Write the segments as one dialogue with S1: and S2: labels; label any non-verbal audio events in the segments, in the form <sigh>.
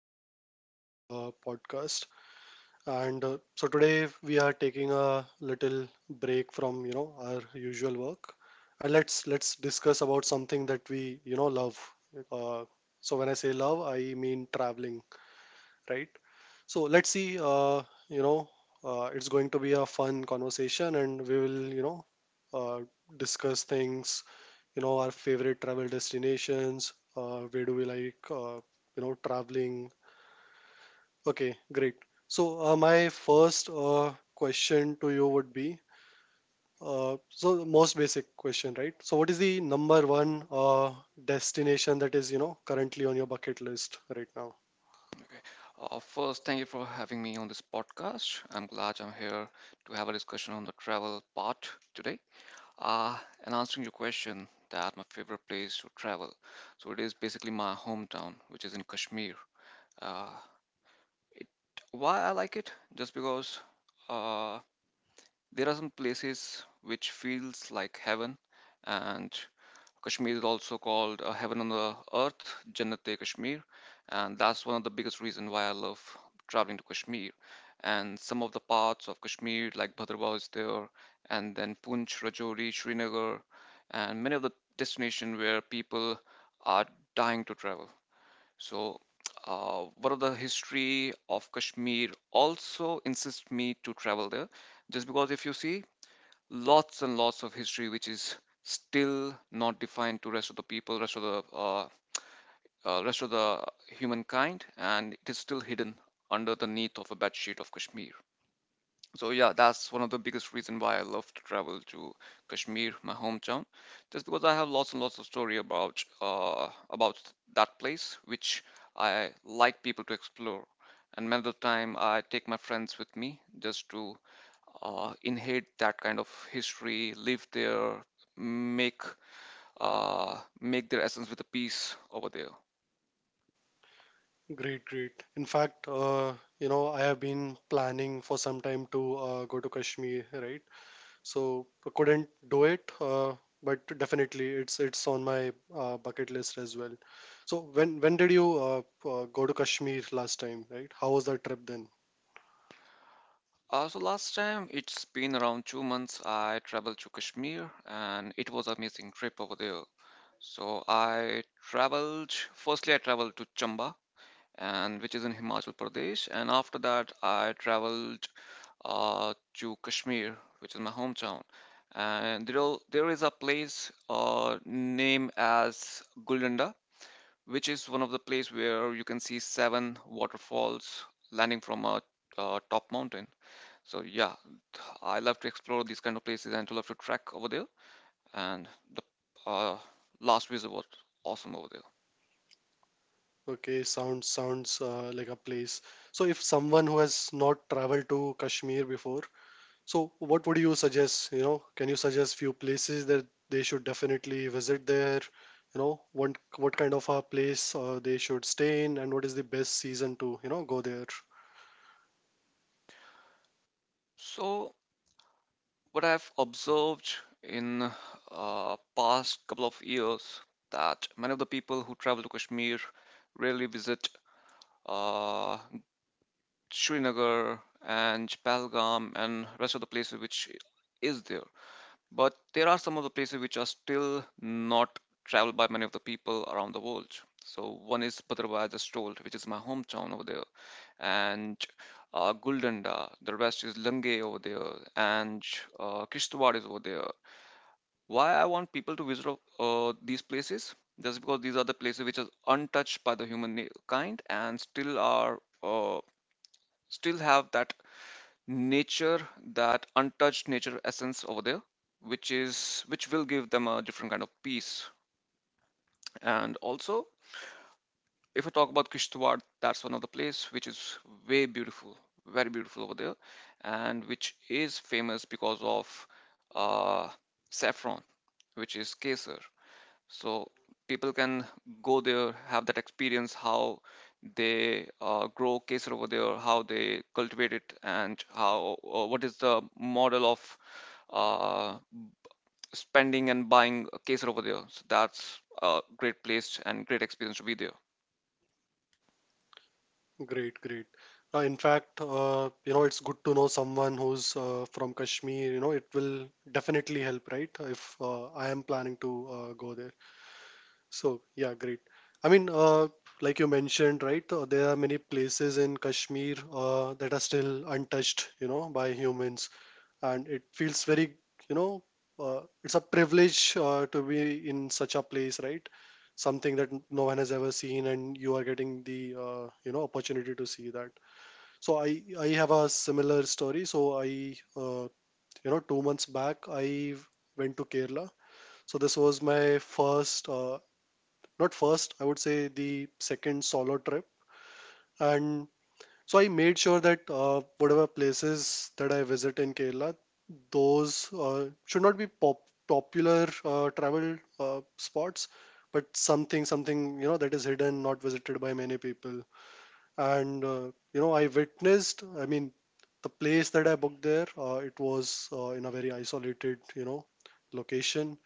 S1: you for being on this podcast. And so today we are taking a little break from our usual work, and let's discuss about something that we love. Uh, so when I say love, I mean traveling, right? So let's see, you know, it's going to be a fun conversation, and we will, uh, discuss things, our favorite travel destinations, where do we like, traveling. Okay, great. So my first question to you would be, so the most basic question, right? So what is the number one destination that is, currently on your bucket list right now?
S2: Okay. First, thank you for having me on this podcast. I'm glad I'm here to have a discussion on the travel part today. Uh, and answering your question, that my favorite place to travel. So it is basically my hometown, which is in Kashmir. Uh, it, why I like it? Just because uh, there are some places which feels like heaven, and Kashmir is also called heaven on the earth, Jannat-e Kashmir, and that's one of the biggest reason why I love traveling to Kashmir. And some of the parts of Kashmir, like Bhadrava, is there, and then Punch, Rajouri, Srinagar, and many of the destinations where people are dying to travel. So, one of the history of Kashmir also insists me to travel there, just because if you see lots and lots of history which is still not defined to rest of the people rest of the humankind, and it is still hidden underneath of a bedsheet of Kashmir. So yeah, that's one of the biggest reason why I love to travel to Kashmir, my hometown, just because I have lots and lots of story about about that place which I like people to explore. And many of the time I take my friends with me just to inherit that kind of history live there, make make their essence with a piece over there.
S1: Great, great. In fact, you know, I have been planning for some time to go to Kashmir, right? So I couldn't do it, but definitely it's on my bucket list as well. So when did you go to Kashmir last time, right? How was that trip then?
S2: So last time it's been around 2 months I traveled to Kashmir, and it was amazing trip over there. So I traveled to Chamba, and which is in Himachal Pradesh, and after that, I traveled to Kashmir, which is my hometown. And there is a place named as Guldanda, which is one of the place where you can see seven waterfalls landing from a top mountain. So yeah, I love to explore these kind of places and to love to trek over there, and the uh, last visit was awesome over there.
S1: Okay, sounds like a place. So if someone who has not traveled to Kashmir before, so, what would you suggest? You know, can you suggest few places that they should definitely visit there? You know, what kind of a place they should stay in, and what is the best season to go there?
S2: So, what I've observed in past couple of years, that many of the people who travel to Kashmir rarely visit uh, Srinagar and Pahalgam and rest of the places which is there. But there are some of the places which are still not traveled by many of the people around the world. So one is Bhadrava, I just told, which is my hometown over there, and Guldanda. The rest is Lange over there, and Kishtwar is over there. Why I want people to visit these places? Just because these are the places which are untouched by the kind, and still are uh, still have that nature, that untouched nature essence over there, which is which will give them a different kind of peace. And also, if I talk about Kishtwar, that's one of the place which is way beautiful, very beautiful over there, and which is famous because of uh, saffron, which is kesar. So people can go there, have that experience, how they grow kesar over there, how they cultivate it, and how what is the model of uh, spending and buying kesar over there. So that's a great place and great experience to be there.
S1: Great, great. In fact, you know, it's good to know someone who's from Kashmir. You know, it will definitely help, right? If I am planning to go there. So, yeah, great. I mean, like you mentioned, right, there are many places in Kashmir that are still untouched, you know, by humans. And it feels very, you know, it's a privilege to be in such a place, right? Something that no one has ever seen, and you are getting the, you know, opportunity to see that. So I have a similar story. So I, you know, 2 months back, I went to Kerala. So this was my first, not first, I would say the second solo trip. And so I made sure that whatever places that I visit in Kerala, those should not be popular travel spots, but something, you know, that is hidden, not visited by many people. And, you know, I witnessed, I mean, the place that I booked there, it was in a very isolated, you know, location.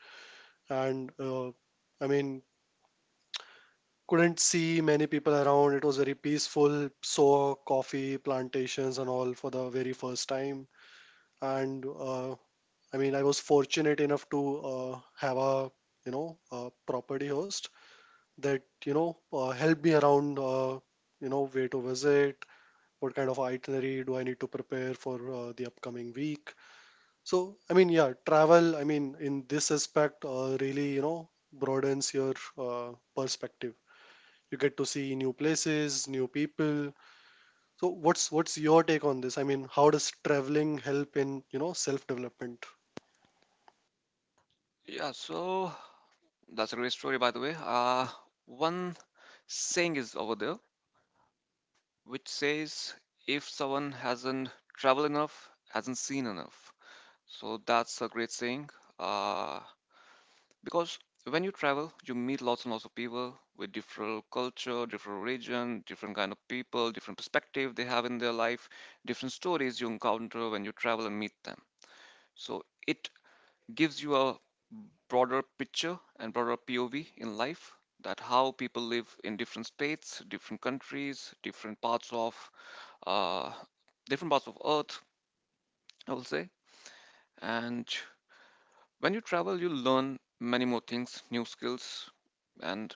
S1: And I mean, couldn't see many people around. It was very peaceful. Saw coffee plantations and all for the very first time. And I mean, I was fortunate enough to have a property host that helped me around, where to visit, what kind of itinerary do I need to prepare for the upcoming week. So I mean, yeah, travel. I mean, in this aspect, really broadens your perspective. You get to see new places, new people. So what's your take on this? I mean, how does traveling help in self development?
S2: Yeah, so that's a great story, by the way. One saying is over there, which says if someone hasn't traveled enough, hasn't seen enough. So that's a great thing. Uh, because when you travel, you meet lots and lots of people with different culture, different religion, different kind of people, different perspective they have in their life, different stories you encounter when you travel and meet them. So it gives you a broader picture and broader POV in life, that how people live in different states, different countries, uh, different parts of Earth, I will say. And when you travel, you learn many more things, new skills, and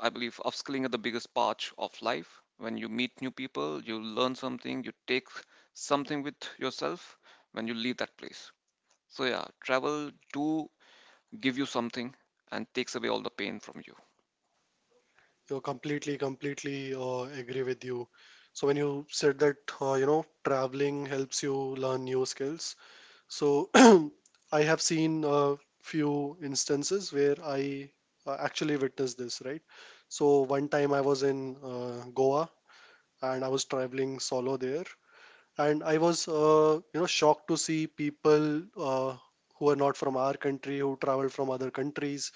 S2: I believe upskilling is the biggest part of life. When you meet new people, you learn something, you take something with yourself when you leave that place. So yeah, travel do give you something and takes away all the pain from you.
S1: You completely agree with you. So when you said that you know traveling helps you learn new skills, so <clears throat> I have seen a few instances where I actually witnessed this, right. So one time I was in goa, and I was traveling solo there, and I was you know shocked to see people uh, who are not from our country, who traveled from other countries,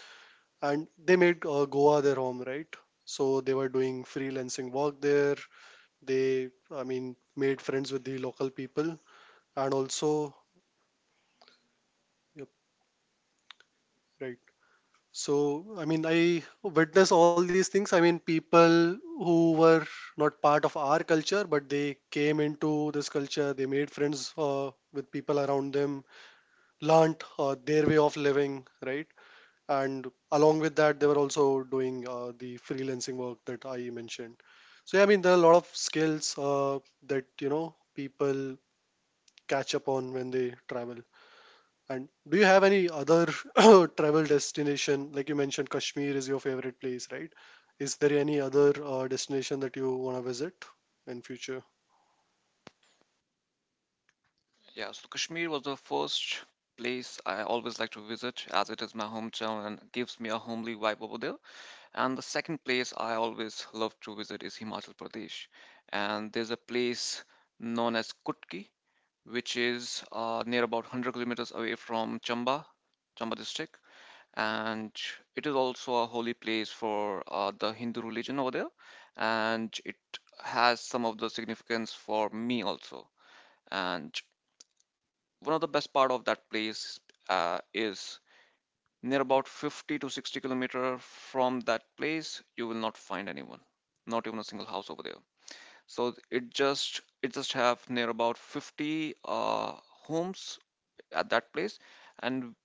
S1: and they made goa their home, right. So they were doing freelancing work there. They, I mean, made friends with the local people, and also, yep, right. So I mean, I witnessed all these things. I mean, people who were not part of our culture, but they came into this culture. They made friends with people around them, learnt their way of living, right? And along with that, they were also doing the freelancing work that I mentioned. So yeah, I mean, there are a lot of skills that you know people catch up on when they travel. And do you have any other <coughs> <clears throat> travel destination? Like you mentioned, Kashmir is your favorite place, right? Is there any other destination that you want to visit in future?
S2: Yeah, so Kashmir was the first place I always like to visit as it is my hometown and gives me a homely vibe over there. And the second place I always love to visit is Himachal Pradesh. And there's a place known as Kutki, which is near about 100 kilometers away from Chamba, Chamba district. And it is also a holy place for the Hindu religion over there. And it has some of the significance for me also. And one of the best part of that place is near about 50 to 60 kilometer from that place, you will not find anyone, not even a single house over there. So it just have near about 50 homes at that place, and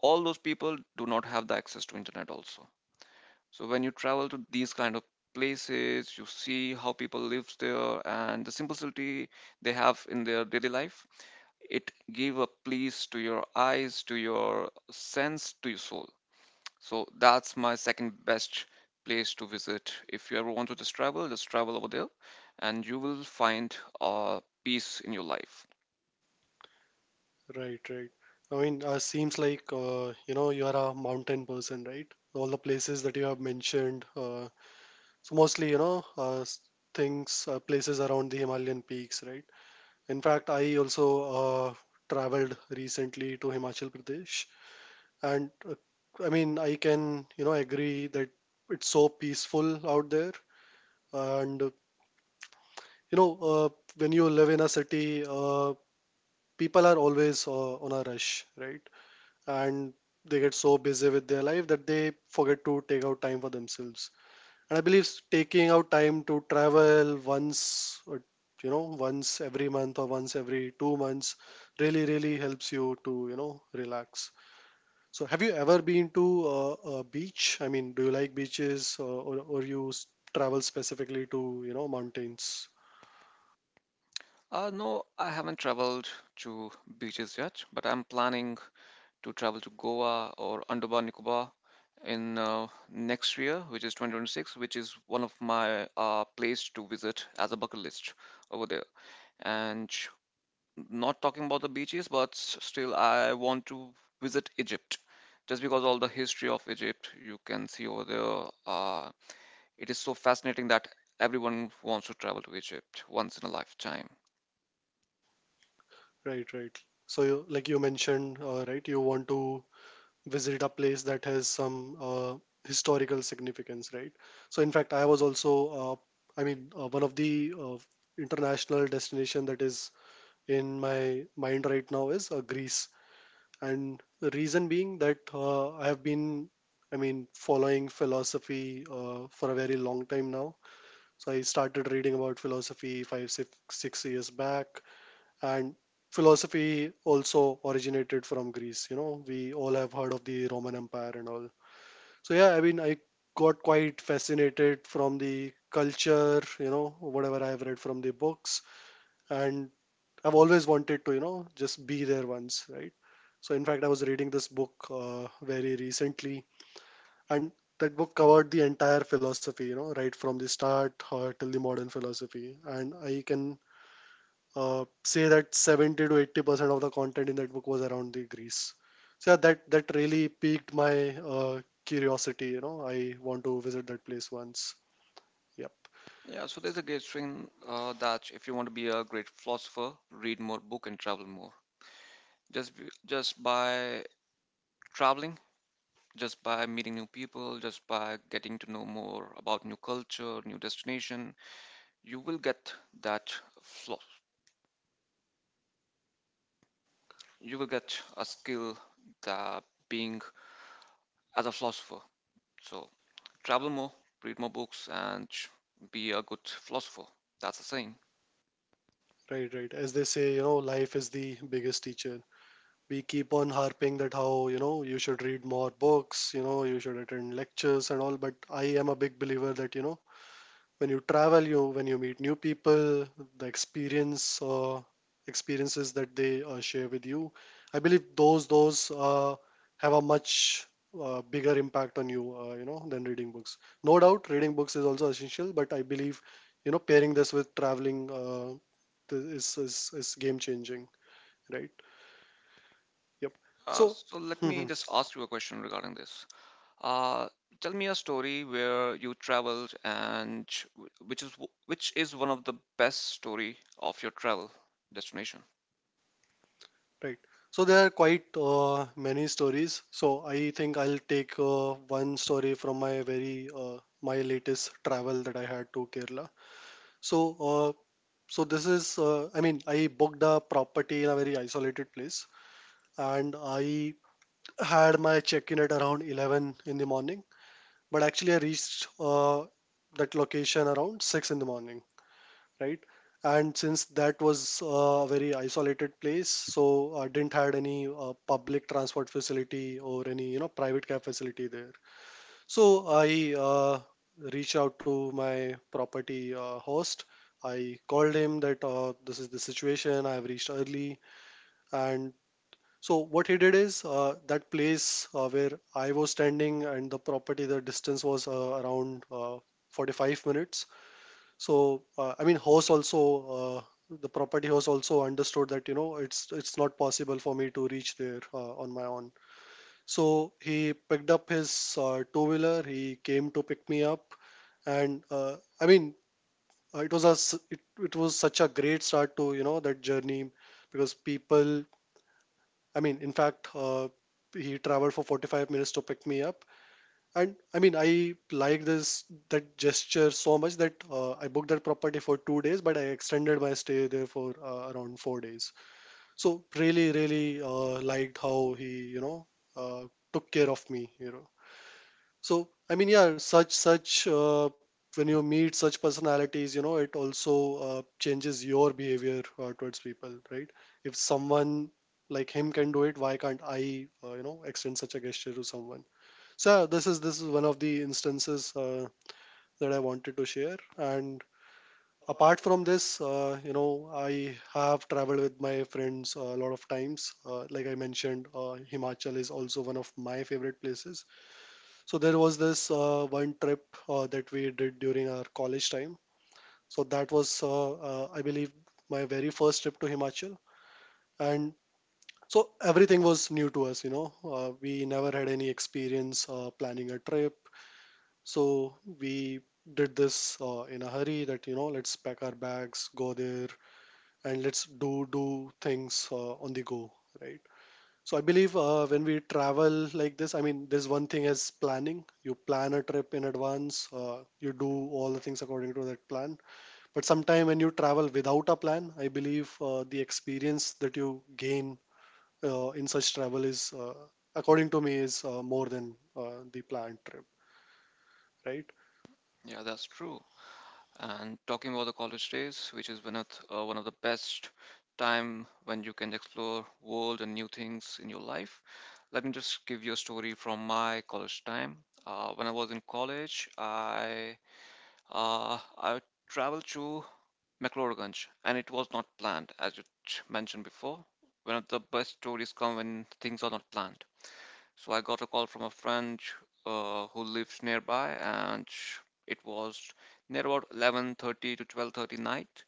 S2: all those people do not have the access to internet also. So when you travel to these kind of places, you see how people lives there and the simplicity they have in their daily life. It give a please to your eyes, to your sense, to your soul. So that's my second best place to visit. If you ever want to just travel over there and you will find peace in your life.
S1: Right, right. I mean, seems like you know you are a mountain person, right? All the places that you have mentioned, so mostly you know things, places around the Himalayan peaks, right? In fact, I also traveled recently to Himachal Pradesh, and I mean, I can you know agree that it's so peaceful out there, and you know when you live in a city, people are always on a rush, right. And they get so busy with their life that they forget to take out time for themselves. And I believe taking out time to travel once, or, you know, once every month or once every 2 months really, really helps you to, you know, relax. So have you ever been to a beach? I mean, do you like beaches, or you travel specifically to, you know, mountains?
S2: No, I haven't traveled to beaches yet, but I'm planning to travel to Goa or Andaman Nicobar in next year, which is 2026, which is one of my place to visit as a bucket list over there. And not talking about the beaches, but still, I want to visit Egypt just because all the history of Egypt you can see over there. It is so fascinating that everyone wants to travel to Egypt once in a lifetime.
S1: Right, right. So you, like you mentioned, right, you want to visit a place that has some historical significance, right? So, in fact, I was also, I mean, one of the international destination that is in my mind right now is Greece, and the reason being that I have been, I mean, following philosophy for a very long time now. So I started reading about philosophy five, 6 years back, and philosophy also originated from Greece. You know, we all have heard of the Roman Empire and all. So yeah, I mean, I got quite fascinated from the culture, you know, whatever I've read from the books, and I've always wanted to, you know, just be there once, right. So in fact, I was reading this book very recently, and that book covered the entire philosophy, you know, right from the start till the modern philosophy, and I can say that 70 to 80% of the content in that book was around the Greece. So yeah, that really piqued my curiosity. You know, I want to visit that place once. Yep,
S2: Yeah, so there's a great thing that if you want to be a great philosopher, read more book and travel more. Just by traveling, just by meeting new people, just by getting to know more about new culture, new destination, you will get that phlo- you will get a skill that being as a philosopher. So travel more, read more books, and be a good philosopher. That's the saying.
S1: right, right. As they say, you know, life is the biggest teacher. We keep on harping that how you know you should read more books, you know, you should attend lectures and all. But I am a big believer that you know when you travel you when you meet new people, the experience or experiences that they share with you, I believe those uh, have a much bigger impact on you you know than reading books. No doubt reading books is also essential, but I believe you know pairing this with traveling th- is, is is game changing, right. Yep.
S2: Uh,
S1: So
S2: so let me
S1: <laughs>
S2: just ask you a question regarding this. Uh, tell me a story where you traveled and which is one of the best story of your travel destination.
S1: right. So there are quite many stories. So I think I'll take one story from my very my latest travel that I had to Kerala. So uh, so this is I mean I booked a property in a very isolated place, and I had my check-in at around 11 in the morning. But actually I reached that location around 6 in the morning, right? And since that was a very isolated place, so I didn't had any public transport facility or any you know private cab facility there. So I reached out to my property host. I called him that this is the situation. I have reached early, and so what he did is that place where I was standing and the property, the distance was around 45 minutes. So I mean, host also the property host also understood that you know it's not possible for me to reach there on my own. So he picked up his two wheeler. He came to pick me up, and I mean, it was a s- it was such a great start to you know that journey, because people. I mean, in fact, he traveled for 45 minutes to pick me up, and I mean, I like this that gesture so much that I booked that property for 2 days, but I extended my stay there for around 4 days. So really, really liked how he, you know, uh, took care of me. So I mean, yeah, such such when you meet such personalities, you know, it also changes your behavior towards people, right? If someone like him can do it, why can't I, extend such a gesture to someone? So yeah, this is one of the instances that I wanted to share. And apart from this, I have traveled with my friends a lot of times. Like I mentioned, Himachal is also one of my favorite places. So there was this one trip that we did during our college time. So that was, I believe, my very first trip to Himachal. And so everything was new to us, you know. We never had any experience planning a trip. So we did this in a hurry that, you know, let's pack our bags, go there, and let's do things on the go, right? So I believe when we travel like this, I mean, there's one thing as planning. You plan a trip in advance, you do all the things according to that plan. But sometime when you travel without a plan, I believe the experience that you gain in such travel is, according to me, is more than the planned trip, right?
S2: Yeah, that's true. And talking about the college days, which is one of the best time when you can explore world and new things in your life. Let me just give you a story from my college time. When I was in college, I traveled to McLeodganj, and it was not planned, as you mentioned before. One of the best stories come when things are not planned. So I got a call from a friend who lives nearby, and it was near about 11:30 to 12:30 night.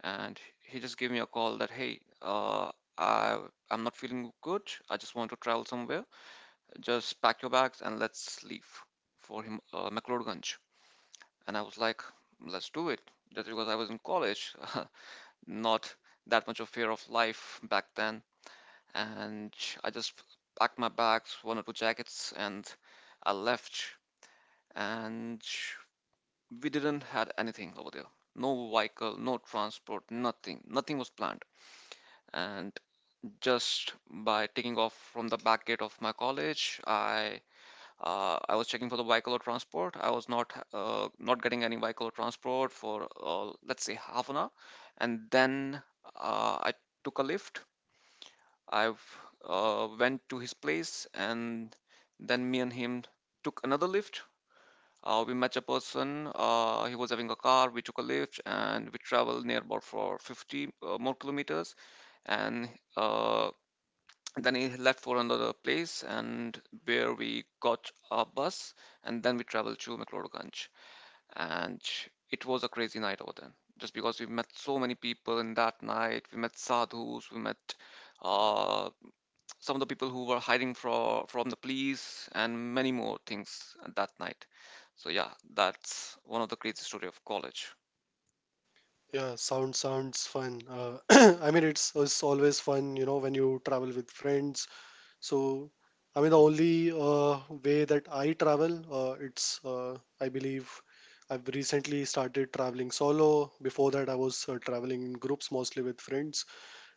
S2: And he just gave me a call that, hey, I I'm not feeling good. I just want to travel somewhere. Just pack your bags and let's leave for him, McLeodganj. And I was like, let's do it. Just because I was in college, <laughs> not that much of fear of life back then, and I just packed my bags, one or two jackets, and I left. And we didn't had anything over there. No vehicle, no transport, nothing. Nothing was planned. And just by taking off from the back gate of my college, I was checking for the vehicle or transport. I was not getting any vehicle or transport for let's say half an hour, and then I took a lift I've Went to his place, and then me and him took another lift. We met a person. He was having a car. We took a lift, and we traveled near about for 50 more kilometers. And uh, then he left for another place, and where we got a bus, and then we traveled to McLeodganj. And it was a crazy night over then, just because we met so many people in that night. We met sadhus, we met uh, some of the people who were hiding from the police and many more things that night. So yeah, that's one of the crazy story of college.
S1: Yeah, sounds fun. <clears throat> I mean, it's always fun, you know, when you travel with friends. So, I mean, the only way that I travel, it's I believe I've recently started traveling solo. Before that, I was traveling in groups, mostly with friends.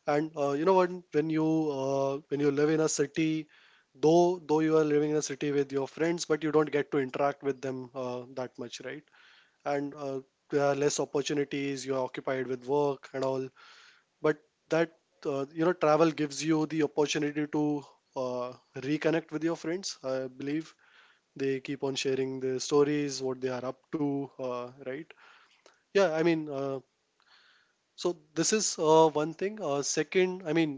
S1: And you know, what? When you when you live in a city, though you are living in a city with your friends, but you don't get to interact with them that much, right? And there are less opportunities, you're occupied with work and all, but that you know, travel gives you the opportunity to uh, reconnect with your friends, I believe. They keep on sharing their stories, what they are up to, right? Yeah, I mean, so this is one thing. Second, I mean,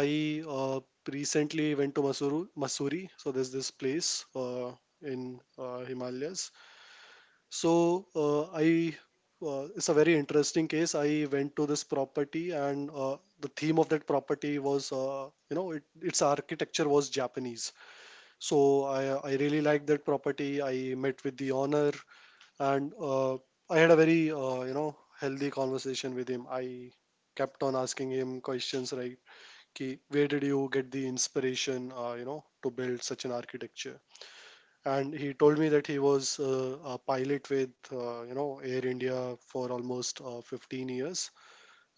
S1: I recently went to Masuru, Masuri. So there's this place in Himalayas. So I it's a very interesting case. I went to this property, and the theme of that property was you know, it, its architecture was Japanese. So I really liked that property. I met with the owner, and I had a very you know, healthy conversation with him. I kept on asking him questions, right? "Ki, where did you get the inspiration, to build such an architecture?" And he told me that he was a pilot with you know, Air India for almost 15 years.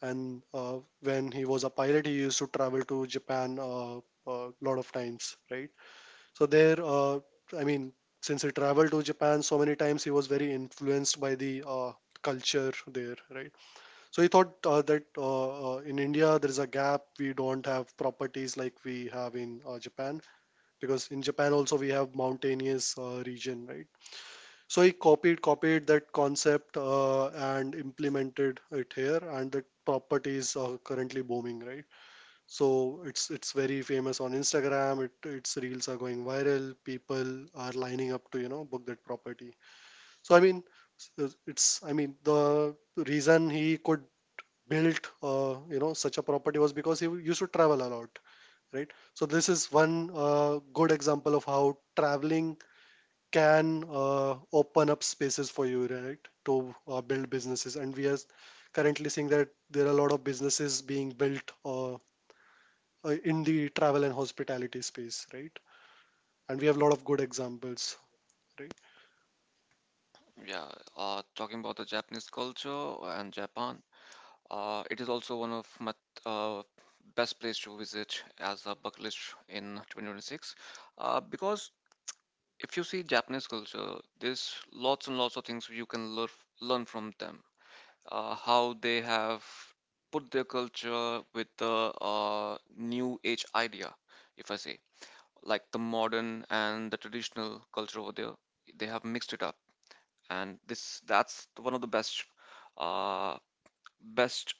S1: And when he was a pilot, he used to travel to Japan a uh, lot of times, right? So there, I mean, since he traveled to Japan so many times, he was very influenced by the culture there, right? So he thought that in India there is a gap, we don't have properties like we have in Japan, because in Japan also we have mountainous region, right? So he copied that concept and implemented it here, and the properties are currently booming, right? So it's very famous on Instagram. It, its reels are going viral. People are lining up to, you know, book that property. So I mean, it's, I mean, the reason he could build you know, such a property was because he used to travel a lot, right? So this is one good example of how traveling can open up spaces for you, right, to build businesses. And we are currently seeing that there are a lot of businesses being built in the travel and hospitality space, right? And we have a lot of good examples, right?
S2: Yeah. Talking about the Japanese culture and Japan, it is also one of my uh, best place to visit as a bucket list in 2026, because if you see Japanese culture, there's lots and lots of things you can learn from them. Uh, how they have put their culture with the new age idea, if I say, like the modern and the traditional culture over there, they have mixed it up, and this that's one of the best, uh, best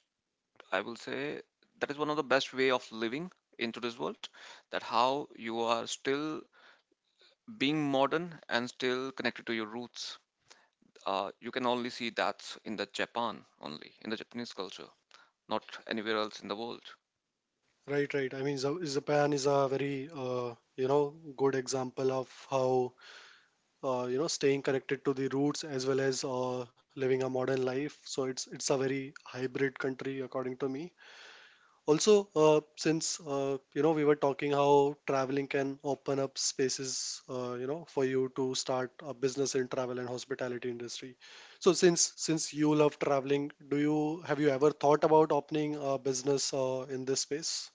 S2: I will say that is one of the best way of living into this world. That how you are still being modern and still connected to your roots. You can only see that in the Japan, only in the Japanese culture, not anywhere else in the world.
S1: Right, right. I mean, Japan is a very, good example of how, staying connected to the roots as well as living a modern life. So it's a very hybrid country, according to me. Also, since you know, we were talking how traveling can open up spaces, for you to start a business in travel and hospitality industry. So since you love traveling, do you have, you ever thought about opening a business in this space?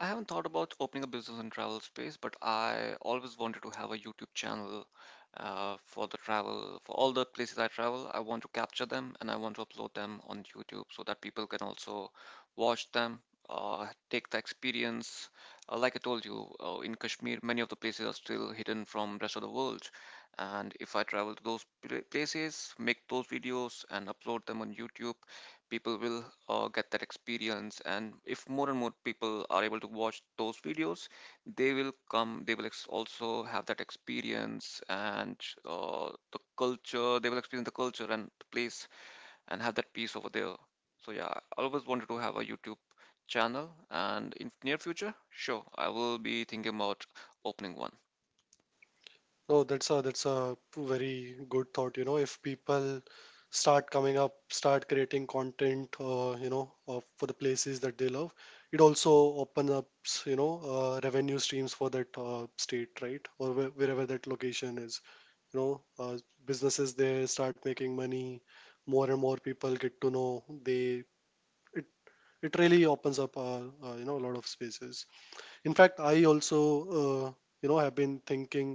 S2: I haven't thought about opening a business in travel space, but I always wanted to have a YouTube channel for the travel, for all the places I travel. I want to capture them and I want to upload them on YouTube so that people can also watch them, uh, take the experience. Like I told you, in Kashmir, many of the places are still hidden from rest of the world. And if I travel to places, make those videos and upload them on YouTube, people will get that experience, and if more and more people are able to watch those videos, they will come, also have that experience, and they will experience the culture and the place and have that peace over there. So yeah, I always wanted to have a YouTube channel, and in near future, sure, I will be thinking about opening one.
S1: No, that's a very good thought. You know, if people start coming up, start creating content, for the places that they love, it also opens up, you know, revenue streams for that state, right? Or wh wherever that location is. You know, uh, businesses there start making money. More and more people get to know. They, it it really opens up, a lot of spaces. In fact, I also, uh, have been thinking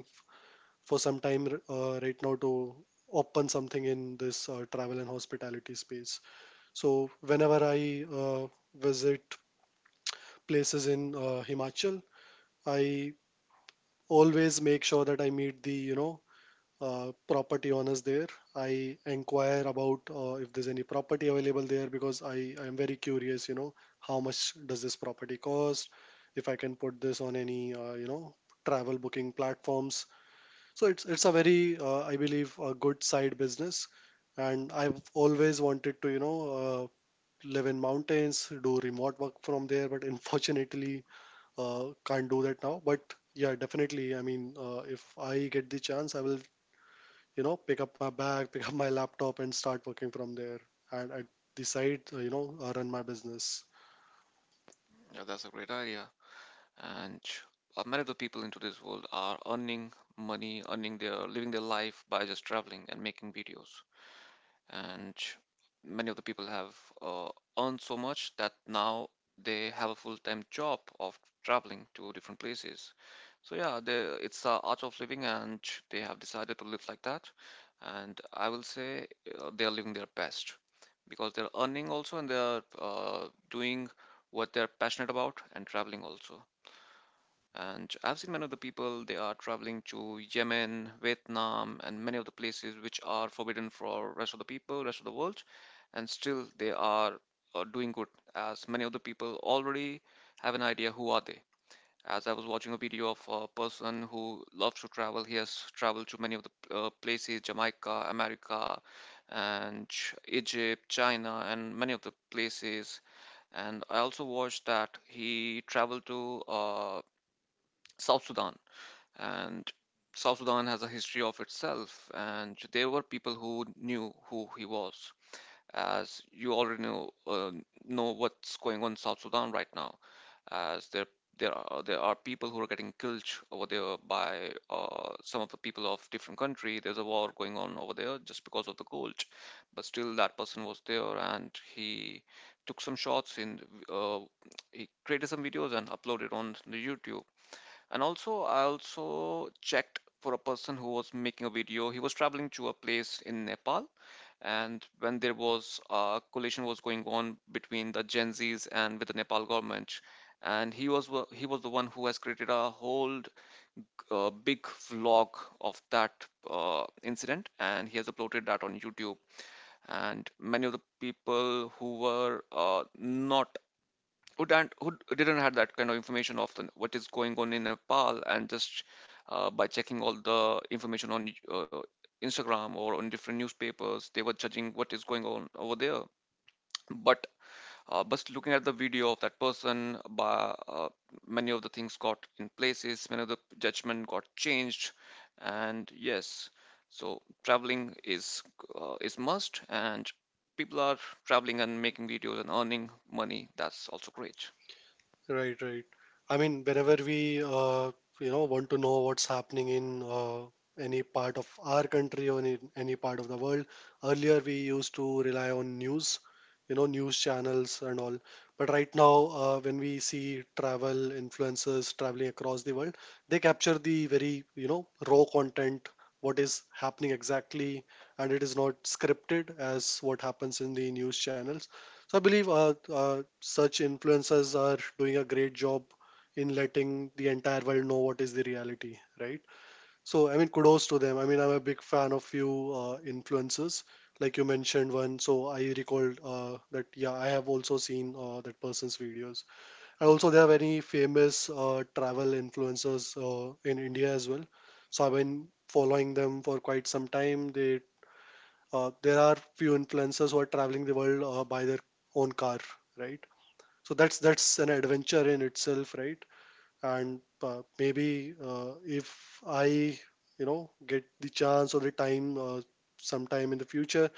S1: for some time right now to open something in this travel and hospitality space. So whenever I visit places in Himachal, I always make sure that I meet the, you know, property owners there. I inquire about if there's any property available there, because I am very curious. You know, how much does this property cost? If I can put this on any you know, travel booking platforms. So it's a very I believe, a good side business, and I've always wanted to, you know, uh, live in mountains, do remote work from there, but unfortunately can't do that now. But yeah, definitely. I mean, if I get the chance, I will, you know, pick up my bag, <laughs> pick up my laptop, and start working from there, and at the side run my business.
S2: Yeah, that's a great idea. And many of the people into this world are earning money, earning their living, their life, by just traveling and making videos. And many of the people have uh, earned so much that now they have a full-time job of traveling to different places. So yeah, they, it's a art of living, and they have decided to live like that. And I will say they are living their best because they're earning also, and they're doing what they're passionate about, and traveling also. And I've seen many of the people, they are traveling to Yemen, Vietnam, and many of the places which are forbidden for rest of the people, rest of the world, and still they are doing good, as many of the people already have an idea who are they. As I was watching a video of a person who loves to travel, he has traveled to many of the places, Jamaica, America, and Egypt, China, and many of the places. And I also watched that he traveled to South Sudan. And South Sudan has a history of itself, and there were people who knew who he was. As you already know what's going on in South Sudan right now, as there are people who are getting killed over there by some of the people of different country. There's a war going on over there just because of the gold, but still that person was there, and he took some shots in, uh, he created some videos and uploaded on the YouTube. And also, I also checked for a person who was making a video. He was traveling to a place in Nepal, and when there was a collision was going on between the Gen Zs and with the Nepal government, and he was the one who has created a whole big vlog of that incident, and he has uploaded that on YouTube. And many of the people who were not who don't who didn't have that kind of information of the, what is going on in Nepal, and just by checking all the information on Instagram or on different newspapers, they were judging what is going on over there. But just looking at the video of that person, by many of the things got in places, many of the judgment got changed. And yes, so traveling is must, and people are traveling and making videos and earning money. That's also great.
S1: Right, right. I mean, whenever we you know, want to know what's happening in any part of our country or in any part of the world, earlier we used to rely on news, you know, news channels and all. But right now, when we see travel influencers traveling across the world, they capture the very, you know, raw content, what is happening exactly, and it is not scripted as what happens in the news channels. So I believe such influencers are doing a great job in letting the entire world know what is the reality, right? So I mean, kudos to them. I mean, I'm a big fan of few influencers, like you mentioned one. So I recalled that yeah, I have also seen that person's videos. And also there are very famous travel influencers in India as well. So I've been following them for quite some time. They, there are few influencers who are traveling the world by their own car, right? So that's an adventure in itself, right? And maybe if I, you know, get the chance or the time, sometime in the future,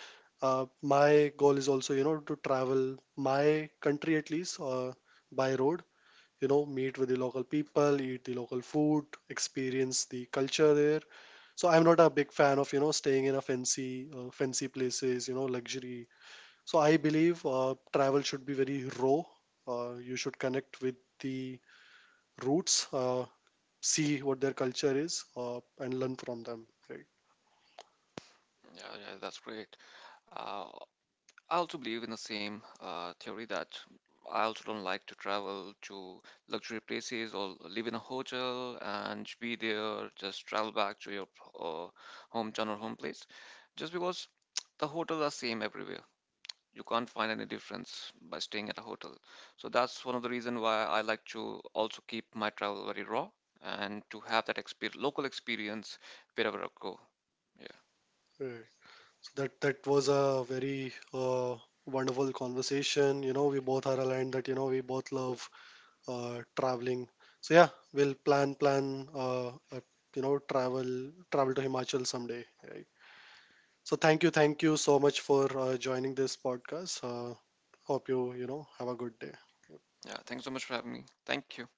S1: my goal is also, you know, to travel my country at least by road, you know, meet with the local people, eat the local food, experience the culture there. So I'm not a big fan of, you know, staying in a fancy places, you know, luxury. So I believe travel should be very raw. You should connect with the roots, see what their culture is, and learn from them, right?
S2: Yeah, yeah, that's great. Uh, I also believe in the same theory that I also don't like to travel to luxury places or live in a hotel and be there, just travel back to your uh, hometown or home place, just because <tsk> the hotels are same everywhere. You can't find any difference by staying at a hotel. So that's one of the reason why I like to also keep my travel very raw and to have that exper local experience wherever I go. Yeah,
S1: Right. So that was a very wonderful conversation. You know, we both are aligned that, you know, we both love traveling. So yeah, we'll plan plan you know travel to Himachal someday. Right? So thank you so much for joining this podcast. Hope you, you know, have a good day.
S2: yeah. Thanks so much for having me. Thank you.